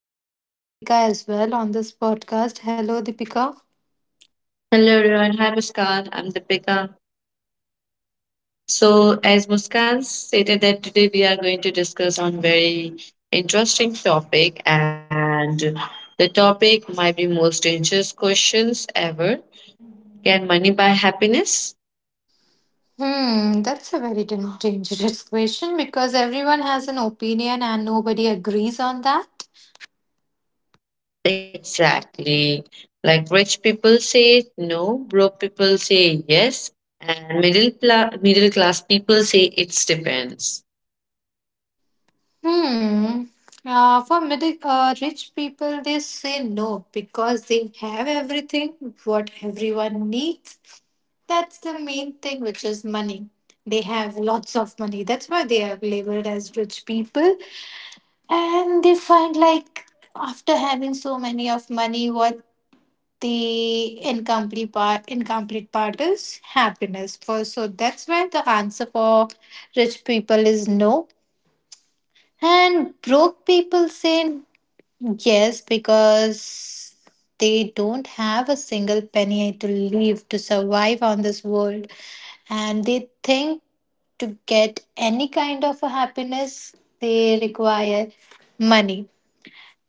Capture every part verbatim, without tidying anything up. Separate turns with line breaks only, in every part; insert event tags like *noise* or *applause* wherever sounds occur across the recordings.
and we have Deepika as well on this podcast. Hello Deepika.
Hello everyone, hi Muskan, I'm Deepika. So as Muskan stated, that today we are going to discuss on very interesting topic, and the topic might be most dangerous questions ever. Can money buy happiness?
Hmm, that's a very dan- dangerous question because everyone has an opinion and nobody agrees on that.
Exactly. Like rich people say no, broke people say yes, and middle pla- middle class people say it depends.
Hmm. Uh, for middle, uh, rich people, they say no because they have everything what everyone needs. That's the main thing, which is money. They have lots of money. That's why they are labeled as rich people. And they find like after having so many of money, what the incomplete part, incomplete part is happiness. For so that's why the answer for rich people is no. And broke people say yes, because they don't have a single penny to leave to survive on this world. And they think to get any kind of a happiness, they require money.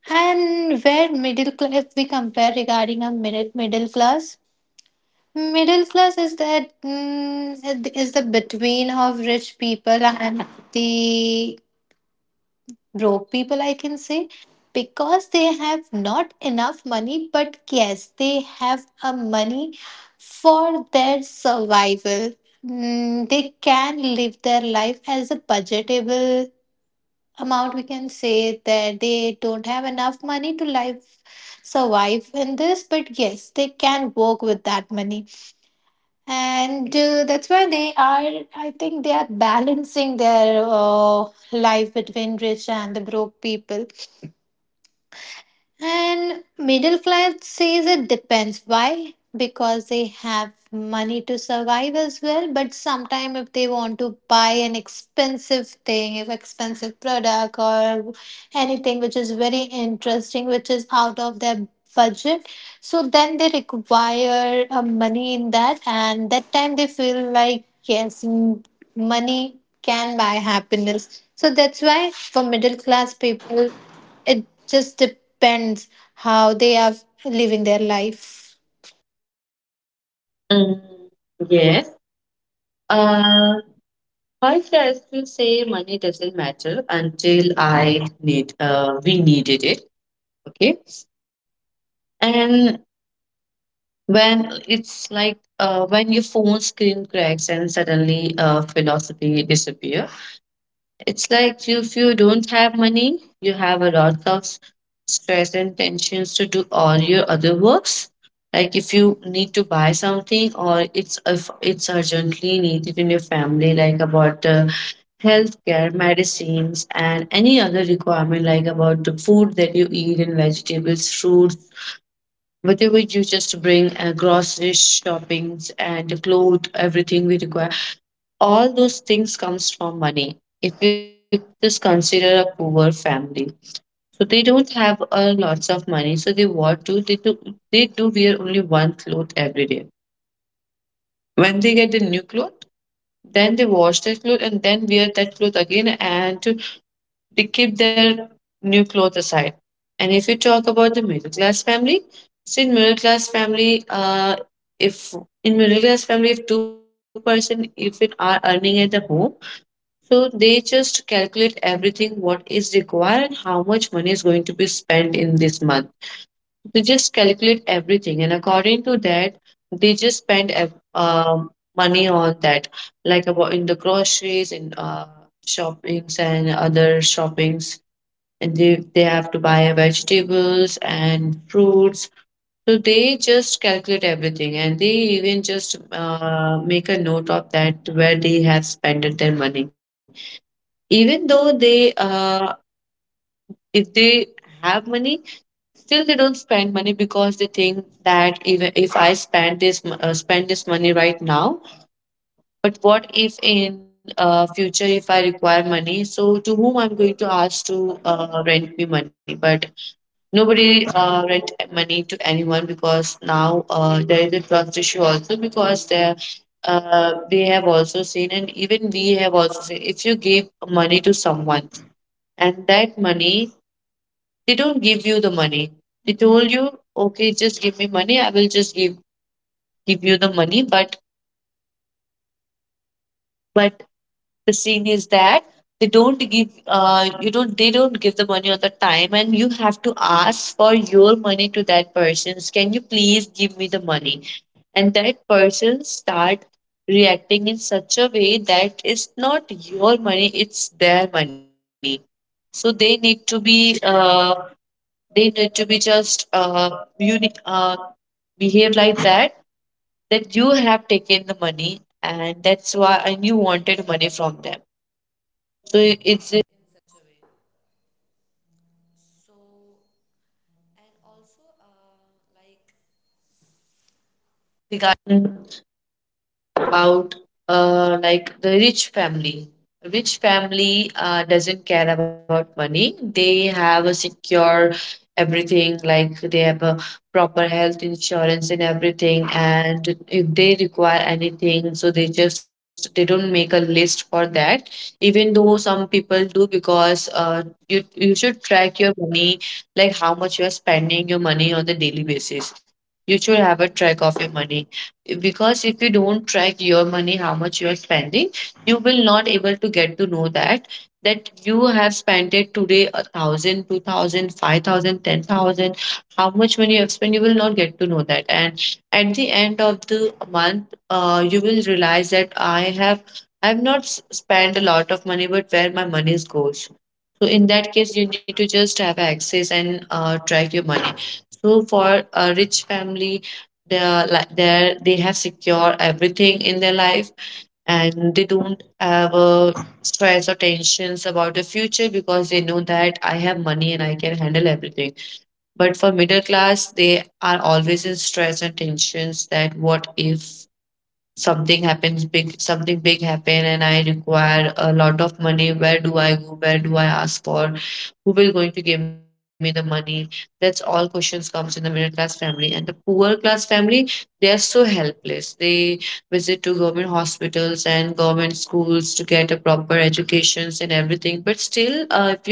And where middle class, if we compare regarding a minute middle class, middle class is that mm, is the between of rich people and the broke people, I can say, because they have not enough money, but yes, they have a money for their survival. Mm, they can live their life as a budgetable amount. We can say that they don't have enough money to live survive in this, but yes, they can work with that money, and uh, that's why they are I think they are balancing their uh, life between rich and the broke people. And middle class says it depends. Why? Because they have money to survive as well. But sometime if they want to buy an expensive thing, if expensive product or anything which is very interesting, which is out of their budget, so then they require uh, money in that, and that time they feel like, yes, m- money can buy happiness. So that's why for middle class people, it just depends how they are living their life.
Mm, yes. Uh, First, I still say money doesn't matter until I need uh, we needed it. Okay. And when it's like uh, when your phone screen cracks and suddenly uh, philosophy disappear. It's like you, if you don't have money, you have a lot of s- stress and tensions to do all your other works. Like if you need to buy something, or it's if it's urgently needed in your family, like about uh, healthcare, medicines, and any other requirement, like about the food that you eat and vegetables, fruits, whatever you just bring, uh, groceries, shoppings, and the clothes, everything we require. All those things comes from money. If you just consider a poor family, so they don't have a lots of money. So they what do they do? They do wear only one cloth every day. When they get the new cloth, then they wash that cloth and then wear that cloth again, and they keep their new clothes aside. And if you talk about the middle class family, see in middle class family, uh, if in middle class family, if two person if it are earning at the home, so they just calculate everything what is required and how much money is going to be spent in this month. They just calculate everything, and according to that, they just spend ev- um, money on that, like about in the groceries, in uh, shoppings and other shoppings, and they, they have to buy vegetables and fruits. So they just calculate everything, and they even just uh, make a note of that where they have spent their money. Even though they, uh, if they have money, still they don't spend money, because they think that even if I spend this mo- uh, spend this money right now, but what if in uh, future if I require money, so to whom I'm going to ask to uh, rent me money? But nobody uh, rent money to anyone, because now uh, there is a trust issue also, because there uh, they have also seen, and even we have also seen, if you give money to someone and that money, they don't give you the money. They told you, okay, just give me money, I will just give give you the money, but but the scene is that they don't give uh, you don't they don't give the money on the time, and you have to ask for your money to that person, can you please give me the money? And that person start reacting in such a way that it's not your money, it's their money. So they need to be uh, they need to be just uh, uni- uh, behave like that, that you have taken the money, and that's why, and you wanted money from them. So it, uh, like the rich family. Rich family uh, doesn't care about money. They have a secure everything, like they have a proper health insurance and everything. And if they require anything, so they just they don't make a list for that. Even though some people do, because uh, you you should track your money, like how much you are spending your money on the daily basis. You should have a track of your money, because if you don't track your money how much you are spending, you will not able to get to know that, that you have spent it today a thousand, two thousand, five thousand, ten thousand, how much money you have spent, you will not get to know that. And at the end of the month, uh, you will realize that I have, I have not s- spent a lot of money, but where my money goes. So in that case you need to just have access and uh, track your money. So for a rich family, they are like they they have secure everything in their life, and they don't have a stress or tensions about the future, because they know that I have money and I can handle everything. But for middle class, they are always in stress and tensions, that what if something happens, big something big happen, and I require a lot of money, where do I go, where do I ask for, who will going to give me the money? That's all questions comes in the middle class family. And the poor class family, they are so helpless, they visit to government hospitals and government schools to get a proper educations and everything. But still, uh, if you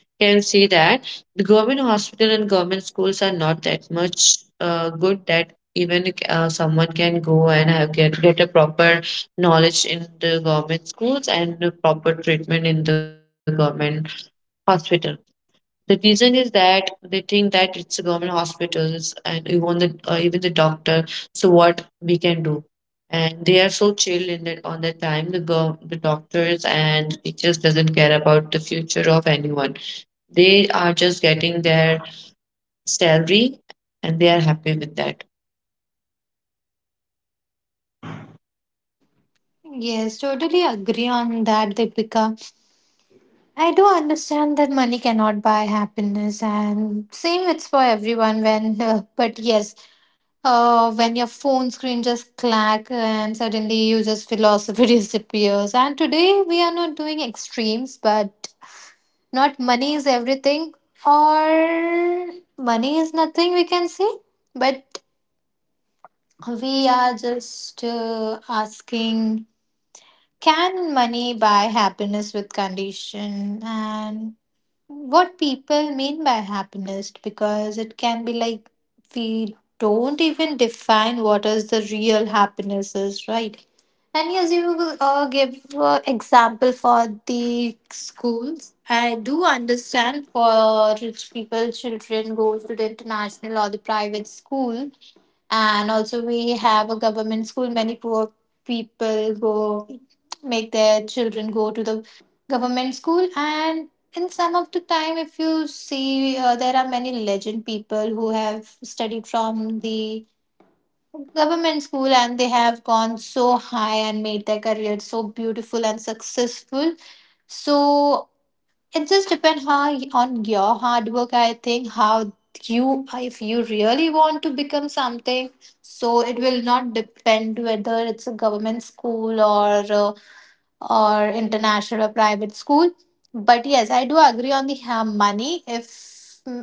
can see that the government hospital and government schools are not that much uh, good, that even uh, someone can go and have get get a proper knowledge in the government schools, and a proper treatment in the government hospital. The reason is that they think that it's a government hospitals, and even the uh, even the doctor. So what we can do, and they are so chill in that. On the time the go the doctors and teachers doesn't care about the future of anyone. They are just getting their salary, and they are happy with that.
Yes, totally agree on that, Deepika. I do understand that money cannot buy happiness, and same it's for everyone. When, *laughs* uh, but yes, uh, when your phone screen just clack and suddenly you just philosophy *laughs* disappears. And today we are not doing extremes, but not money is everything or money is nothing. We can say, but we are just uh, asking, can money buy happiness with condition, and what people mean by happiness, because it can be like we don't even define what is the real happiness is, right? And yes, you will, uh, give uh, example for the schools. I do understand for rich people children goes to the international or the private school, and also we have a government school. Many poor people go make their children go to the government school, and in some of the time, if you see, uh, there are many legend people who have studied from the government school, and they have gone so high and made their career so beautiful and successful. So it just depends how on your hard work. I think how you, if you really want to become something, so it will not depend whether it's a government school or uh, or international or private school. But yes, I do agree on the uh, money. If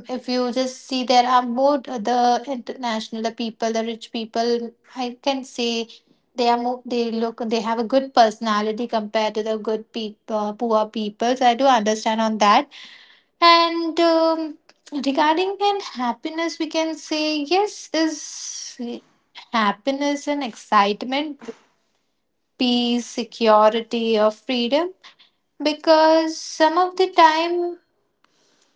if you just see, there are more the international the people, the rich people. I can say they are more. They look. They have a good personality compared to the good people, poor people. So I do understand on that. And um, regarding and happiness, we can say yes is happiness and excitement, peace, security, or freedom, because some of the time,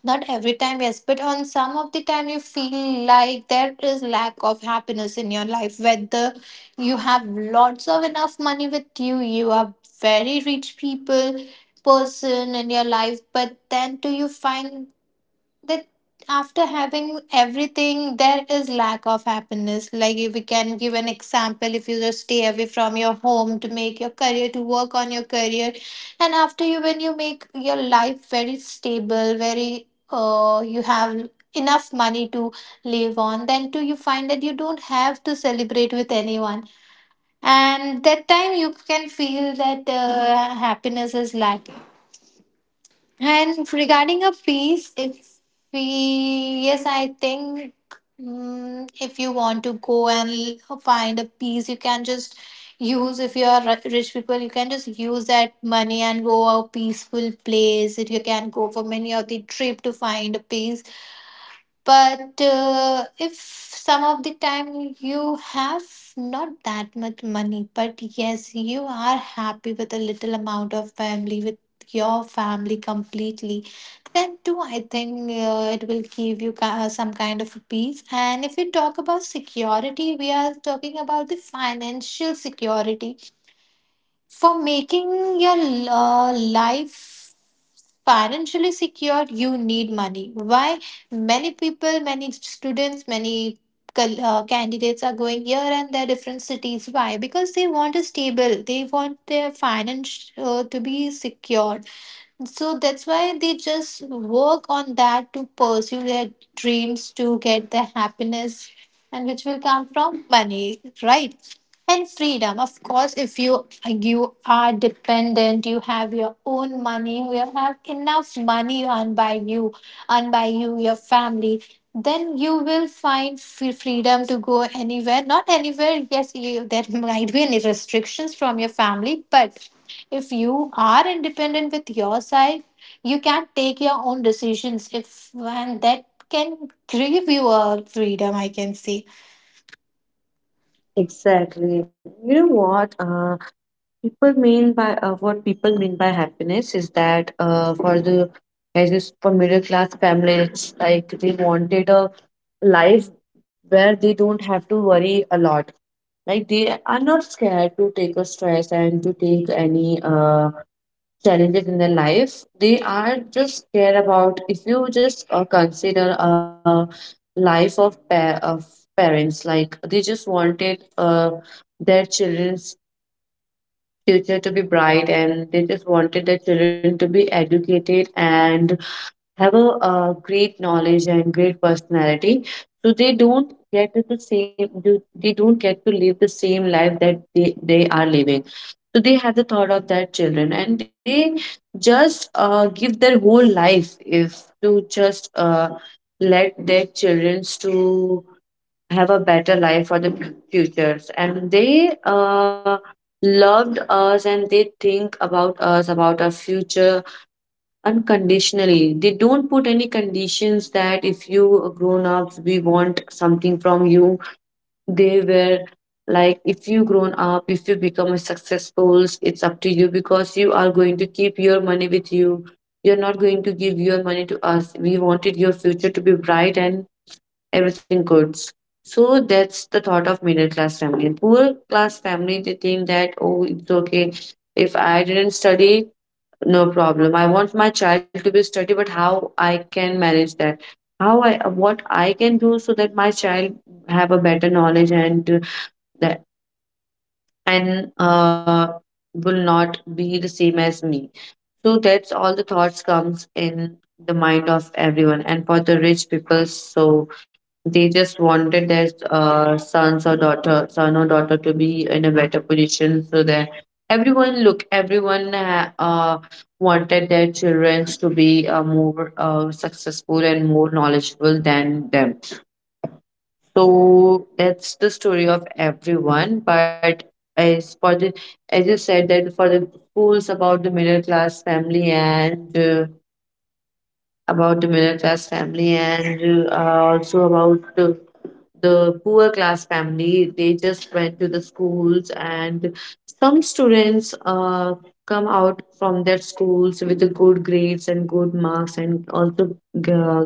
not every time, yes, but on some of the time you feel like there is lack of happiness in your life. Whether you have lots of enough money with you, you are very rich people person in your life, but then do you find that after having everything there is lack of happiness? Like if we can give an example, if you just stay away from your home to make your career, to work on your career, and after you when you make your life very stable, very uh you have enough money to live on, then too you find that you don't have to celebrate with anyone, and that time you can feel that uh, happiness is lacking. And regarding a piece, if we, yes, I think mm if you want to go and l- find a piece, you can just use, if you are ri- rich people, you can just use that money and go a peaceful place. If you can go for many of the trip to find a piece, but uh, if some of the time you have not that much money, but yes, you are happy with a little amount of family with your family completely, then too I think uh, it will give you ki- uh, some kind of a peace. And if we talk about security, we are talking about the financial security. For making your uh, life financially secure, you need money. Why? Many people, many students, many col- uh, candidates are going here and there, different cities. Why? Because they want a stable, they want their finance uh, to be secure. So that's why they just work on that to pursue their dreams, to get the happiness, and which will come from money, right? And freedom, of course, if you you are dependent, you have your own money, you have enough money earned by you, earned by you, your family, then you will find free freedom to go anywhere. Not anywhere, yes, you, there *laughs* might be any restrictions from your family, but if you are independent with your side, you can take your own decisions if and that can give you a freedom, I can say.
Exactly. You know what? Uh, people mean by uh, what people mean by happiness is that, uh, for the, as is for middle class families, like they wanted a life where they don't have to worry a lot. Like they are not scared to take a stress and to take any uh challenges in their life. They are just care about, if you just uh, consider a life of pa- of parents, like they just wanted uh, their children's future to be bright, and they just wanted their children to be educated and have a, uh great knowledge and great personality. So they don't get the same. They they don't get to live the same life that they, they are living. So they have the thought of their children, and they just uh, give their whole life if to just uh, let their children to have a better life for the futures. And they uh, loved us, and they think about us, about our future unconditionally. They don't put any conditions, that if you grown up, we want something from you. They were like, if you grown up, if you become a successful, it's up to you, because you are going to keep your money with you, you're not going to give your money to us. We wanted your future to be bright and everything good. So that's the thought of middle class family. And poor class family, they think that, oh, it's okay if I didn't study, no problem. I want my child to be sturdy, but how I can manage that? How I what I can do so that my child have a better knowledge, and uh, that and uh, will not be the same as me. So that's all the thoughts comes in the mind of everyone. And for the rich people, so they just wanted their uh, sons or daughter, son or daughter to be in a better position. So that everyone, look, everyone uh, uh, wanted their children to be uh, more uh, successful and more knowledgeable than them. So that's the story of everyone. But as for the, as you said, that for the schools about the middle class family and uh, about the middle class family and uh, also about the, the poor class family, they just went to the schools, and some students uh, come out from their schools with the good grades and good marks, and also uh,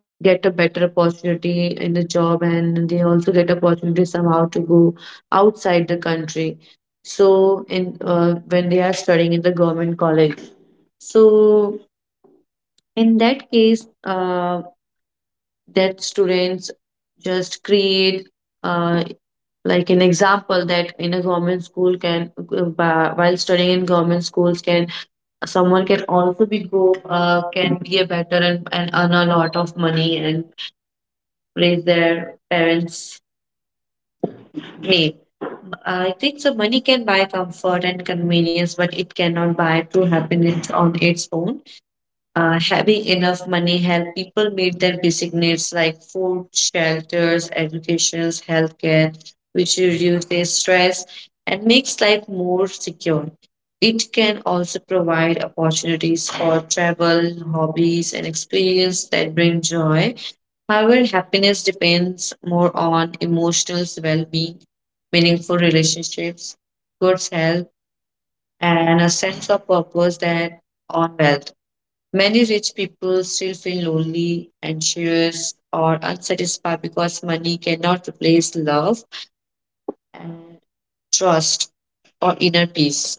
get a better opportunity in a job, and they also get opportunity somehow to go outside the country. So in uh, when they are studying in the government college, so in that case uh, that students just create uh, like an example, that in a government school can uh, while studying in government schools, can someone can also be go uh, can be a better, and, and earn a lot of money and raise their parents. Me. I think so money can buy comfort and convenience, but it cannot buy true happiness on its own. Uh, having enough money help people meet their basic needs like food, shelters, educations, healthcare, which reduces stress and makes life more secure. It can also provide opportunities for travel, hobbies, and experience that bring joy. However, happiness depends more on emotional well being, meaningful relationships, good health, and a sense of purpose than on wealth. Many rich people still feel lonely, anxious, or unsatisfied, because money cannot replace love and trust or inner peace.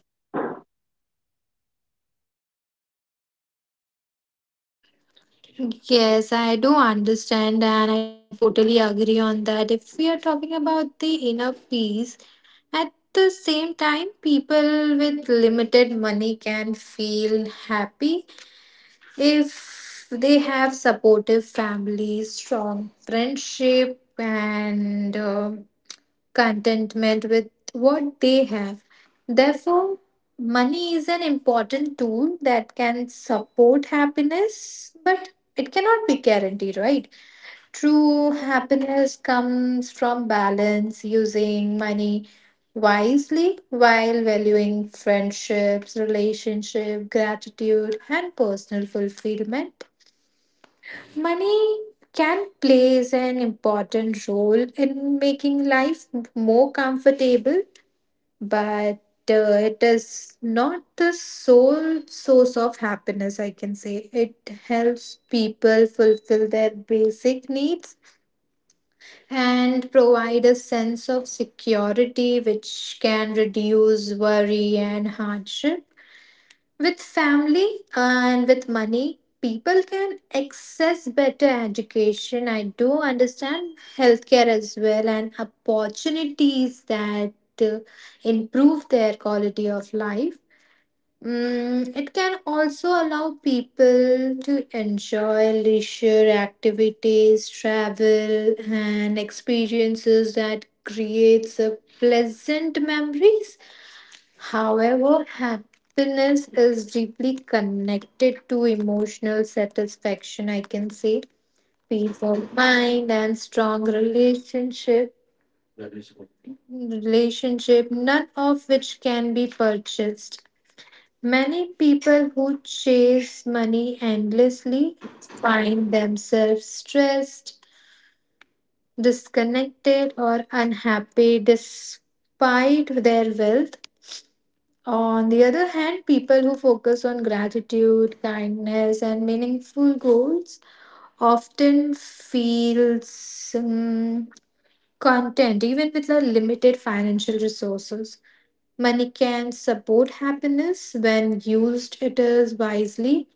Yes, I do understand and I totally agree on that. If we are talking about the inner peace, at the same time, people with limited money can feel happy if they have supportive families, strong friendship, and uh, contentment with what they have. Therefore, money is an important tool that can support happiness, but it cannot be guaranteed, right? True happiness comes from balance, using money wisely while valuing friendships, relationship, gratitude, and personal fulfillment. Money can plays an important role in making life more comfortable, but uh, it is not the sole source of happiness, I can say. It helps people fulfill their basic needs and provide a sense of security which can reduce worry and hardship with family, and with money, people can access better education. I do understand healthcare as well and opportunities that uh, improve their quality of life. Mm, it can also allow people to enjoy leisure activities, travel, and experiences that creates a pleasant memories. However, happiness is deeply connected to emotional satisfaction, I can say, peace of mind, and strong relationship relationship, none of which can be purchased. Many people who chase money endlessly find themselves stressed, disconnected, or unhappy despite their wealth. On the other hand, people who focus on gratitude, kindness, and meaningful goals often feels um, content even with the limited financial resources. Money can support happiness when used it is wisely,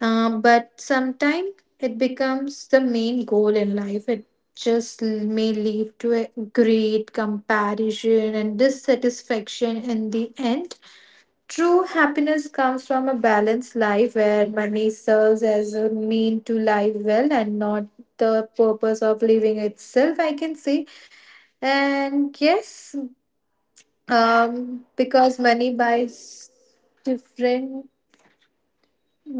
uh, but sometimes it becomes the main goal in life. It just may lead to a great comparison and dissatisfaction in the end. True happiness comes from a balanced life where money serves as a mean to live well and not the purpose of living itself, I can say. And yes, um, because money buys different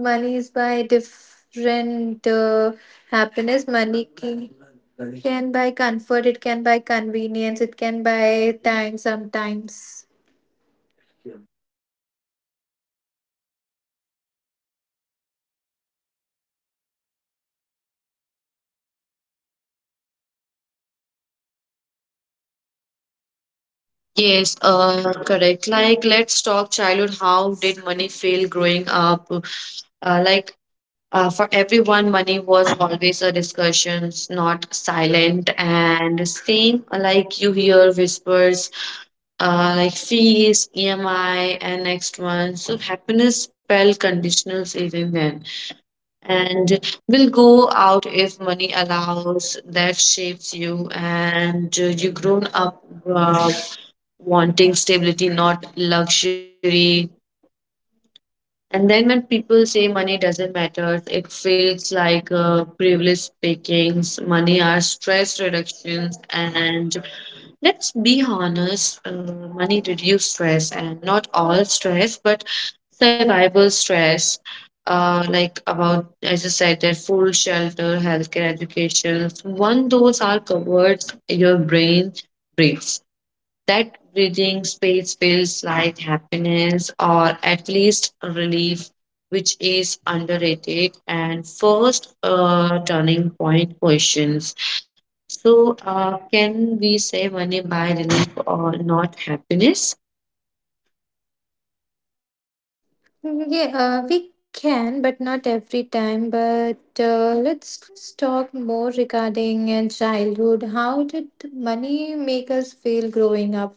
monies buy different uh, happiness. Money can, can buy comfort, it can buy convenience, it can buy time sometimes.
Yes, uh, correct. Like, let's talk childhood. How did money feel growing up? Uh, like uh, for everyone, money was always a discussion, not silent. And same, uh, like you hear whispers uh, like fees, E M I, and next one. So happiness felt conditional even then. And will go out if money allows. That shapes you, and uh, you grown up, uh, wanting stability, not luxury. And then when people say money doesn't matter, it feels like uh, privilege speakings. Money are stress reductions, and let's be honest, uh, money reduce stress, and not all stress, but survival stress. Uh, like about as I said, that food, shelter, healthcare, education. One those are covered, your brain breathes. That breathing space feels like happiness or at least relief, which is underrated. And first, uh, turning point questions. So, uh, can we say money buy relief or not happiness?
Yeah, uh, we can, but not every time. But uh, let's just talk more regarding uh, childhood. How did money make us feel growing up?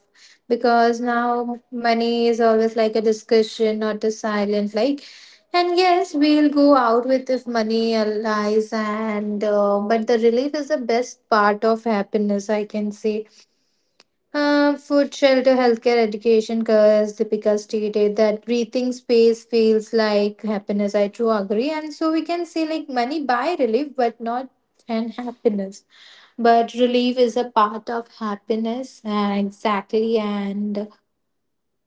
Because now money is always like a discussion, not a silent like. And yes, we'll go out with if money lies, and uh, but the relief is the best part of happiness, I can say. Um, food, shelter, healthcare, education, because Deepika stated that breathing space feels like happiness. I too agree. And so we can say like money buy relief, but not and happiness. But relief is a part of happiness. Uh, exactly. And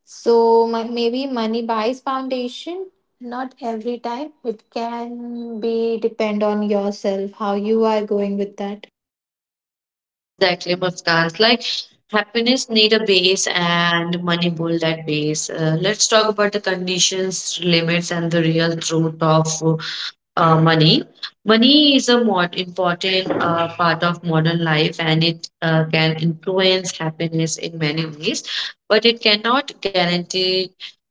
so my, maybe money buys foundation. Not every time. It can be depend on yourself, how you are going with that.
Exactly, Muskan. Like happiness need a base and money build that base. Uh, let's talk about the conditions, limits, and the real truth of uh, money. Money is a more important uh, part of modern life and it uh, can influence happiness in many ways, but it cannot guarantee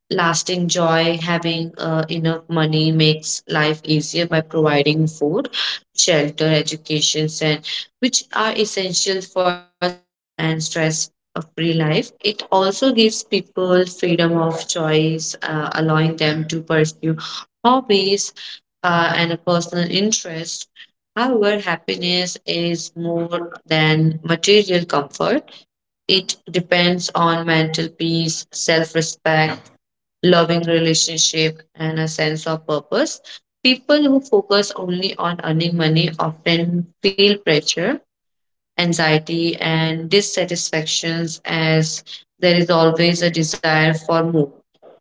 lasting joy. Having uh, enough money makes life easier by providing food, shelter, education, and which are essential for a stable and stress free life. It also gives people freedom of choice, uh, allowing them to pursue hobbies uh, and a personal interest. However, happiness is more than material comfort. It depends on mental peace, self respect, loving relationship, and a sense of purpose. People who focus only on earning money often feel pressure, anxiety, and dissatisfactions as there is always a desire for more.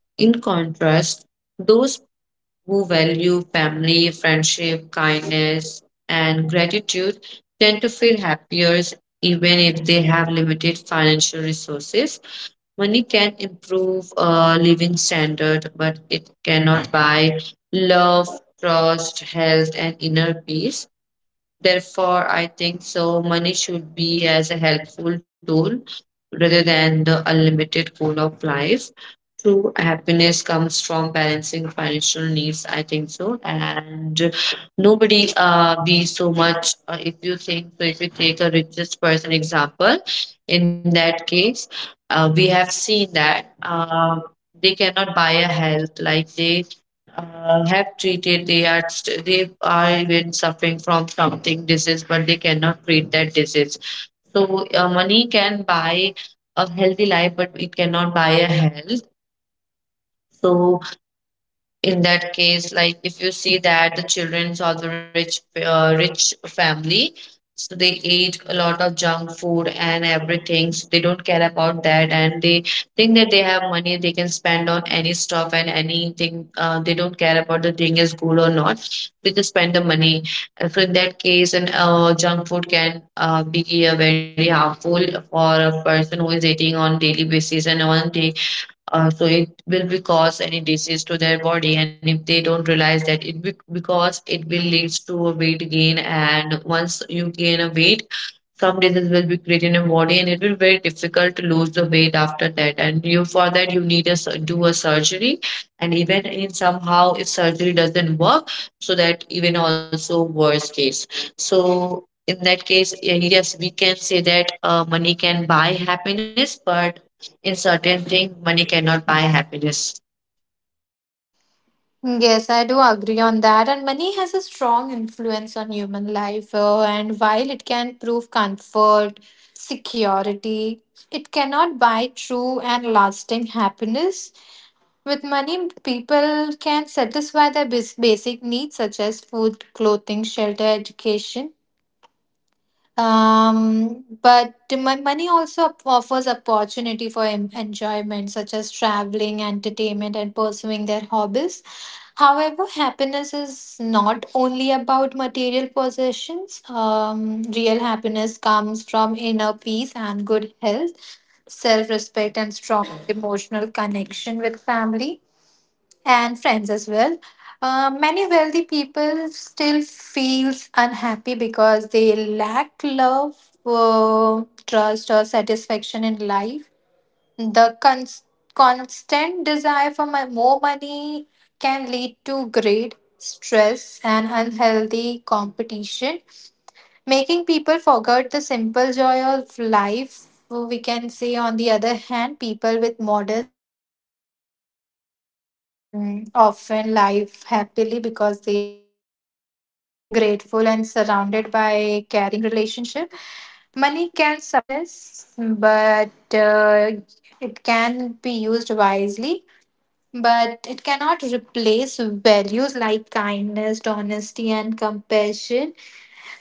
In contrast, those who value family, friendship, kindness, and gratitude tend to feel happier even if they limited financial resources. Money can improve a living standard, but it cannot buy love, trust, health, and inner peace. Therefore, I think so. Money should be as a helpful tool rather than the unlimited goal of life. True happiness comes from balancing financial needs, I think so. And nobody uh be so much, uh, if you think so. If you take a richest person example, in that case, uh, we have seen that uh, they cannot buy a health like they uh, have treated. They are st- they are even suffering from something disease, but they cannot treat that disease. So, uh, money can buy a healthy life, but it cannot buy a health. So in that case, like if you see that the children of the rich uh, rich family, so they eat a lot of junk food and everything, so they don't care about that, and they think that they have money, they can spend on any stuff and anything. Uh, they don't care about the thing is good or not, they just spend the money. And so in that case, and uh, junk food can uh, be a very harmful for a person who is eating on daily basis and on day. Uh, so it will be cause any disease to their body, and if they don't realize that, it be- because it will leads to a weight gain, and once you gain a weight, some disease will be created in body, and it will be very difficult to lose the weight after that, and you for that you need a sur- do a surgery. And even in somehow if surgery doesn't work, so that even also worst case. So in that case, eh, yes, we can say that uh, money can buy happiness, but in certain thing money cannot buy happiness.
Yes, I do agree on that. And money has a strong influence on human life. Uh, and while it can prove comfort, security, it cannot buy true and lasting happiness. With money, people can satisfy their bas- basic needs such as food, clothing, shelter, education. Um, but mon- money also op- offers opportunity for em- enjoyment, such as traveling, entertainment, and pursuing their hobbies. However, happiness is not only about material possessions. Um, real happiness comes from inner peace and good health, self respect, and strong emotional connection with family and friends as well. Uh, many wealthy people still feels unhappy because they lack love, uh, trust, or satisfaction in life. The cons- constant desire for my- more money can lead to greed, stress, and unhealthy competition, making people forget the simple joy of life. We can say, on the other hand, people with modest income mm, often live happily because they are content, grateful, and surrounded by caring relationship. Money can support happiness, but uh, it can be used wisely. But it cannot replace values like kindness, honesty, and compassion.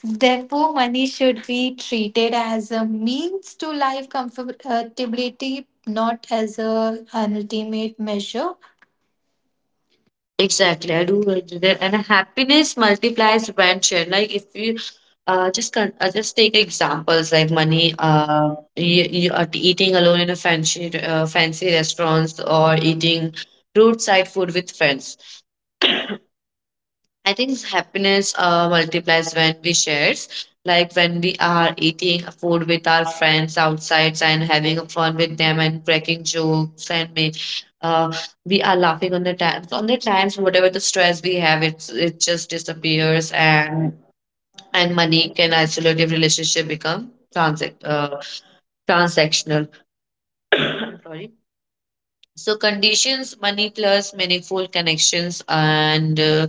Therefore, money should be treated as a means to life comfortability, not as a, an ultimate measure.
Exactly, I do agree that, and happiness multiplies when shared. Like if you, Uh, just con- uh, just take examples like money. Uh, you, you are eating alone in a fancy, uh, fancy restaurants, or eating roadside food with friends. I think happiness uh, multiplies when we shares. Like when we are eating food with our friends outside and having fun with them and cracking jokes and make, uh, we are laughing on the times, on the times whatever the stress we have, it's it just disappears. and and money can isolative relationship become transac- uh, transactional. *coughs* *clears throat* Sorry. So conditions money plus meaningful connections, and uh,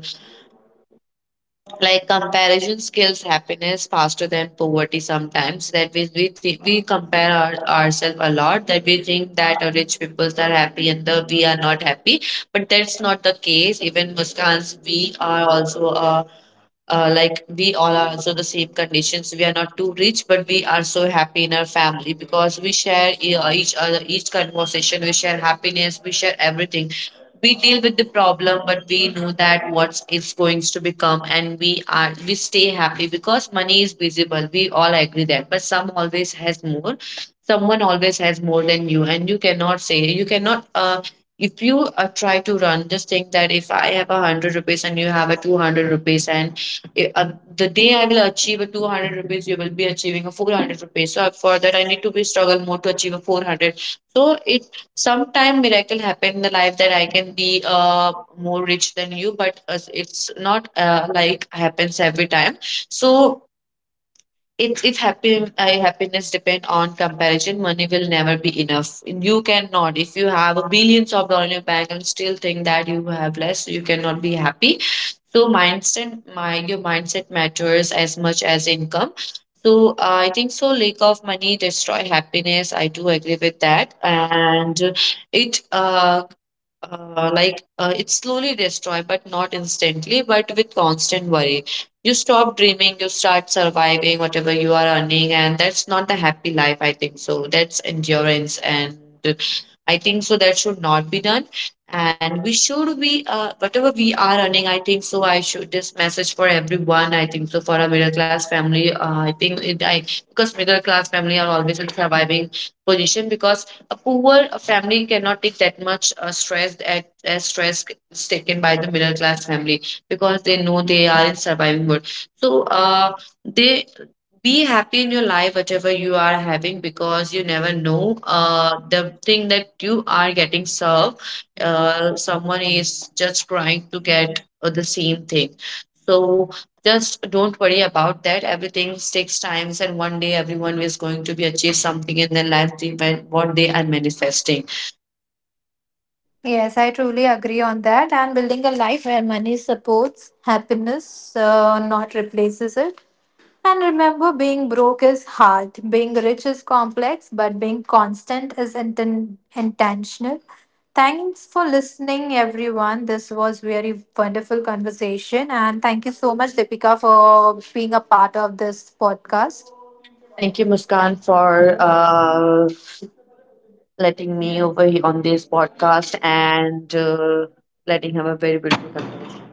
like comparison skills happiness faster than poverty. Sometimes that we we, thi- we compare our, ourselves a lot, that we think that uh, rich people are happy and the we are not happy, but that's not the case. Even Muskans, we are also a, uh, like we all are also the same conditions. We are not too rich, but we are so happy in our family because we share, e- uh, each other each conversation we share, happiness we share, everything we deal with the problem. But we know that what it's going to become, and we are we stay happy because money is visible, we all agree that, but some always has more. Someone always has more than you, and you cannot say, you cannot, uh, if you uh, try to run, just think that if I have a hundred rupees and you have a two hundred rupees, and uh, the day I will achieve a two hundred rupees, you will be achieving a four hundred rupees. So for that, I need to be struggle more to achieve a four hundred. So it sometime miracle happen in the life that I can be uh, more rich than you, but as it's not uh, like happens every time. So it, if happy I happiness depend on comparison, money will never be enough. You cannot, if you have billions of dollars in your bank and still think that you have less, you cannot be happy. So mindset, my your mindset matters as much as income. So I think so. Lack of money destroy happiness, I do agree with that. And it, uh, uh, like uh, it slowly destroy but not instantly, but with constant worry you stop dreaming, you start surviving whatever you are earning, and that's not the happy life, I think so, that's endurance. And I think so that should not be done, and we should be, uh, whatever we are earning, I think so, I should this message for everyone. I think so for a middle class family, uh, I think it, I because middle class family are always in surviving position, because a poor family cannot take that much uh, stress at, as stress is taken by the middle class family, because they know they are in surviving mode. So, uh, they be happy in your life whatever you are having, because you never know uh, the thing that you are getting served, uh, someone is just trying to get uh, the same thing. So just don't worry about that. Everything takes times, and one day everyone is going to be achieve something in their life, even what they are manifesting.
Yes, I truly agree on that. And building a life where money supports happiness, uh, not replaces it. And remember, being broke is hard, being rich is complex, but being constant is inten- intentional. Thanks for listening, everyone. This was very wonderful conversation, and thank you so much, Deepika, for being a part of this podcast.
Thank you, Muskan, for uh, letting me over here on this podcast, and uh, letting have a very beautiful conversation.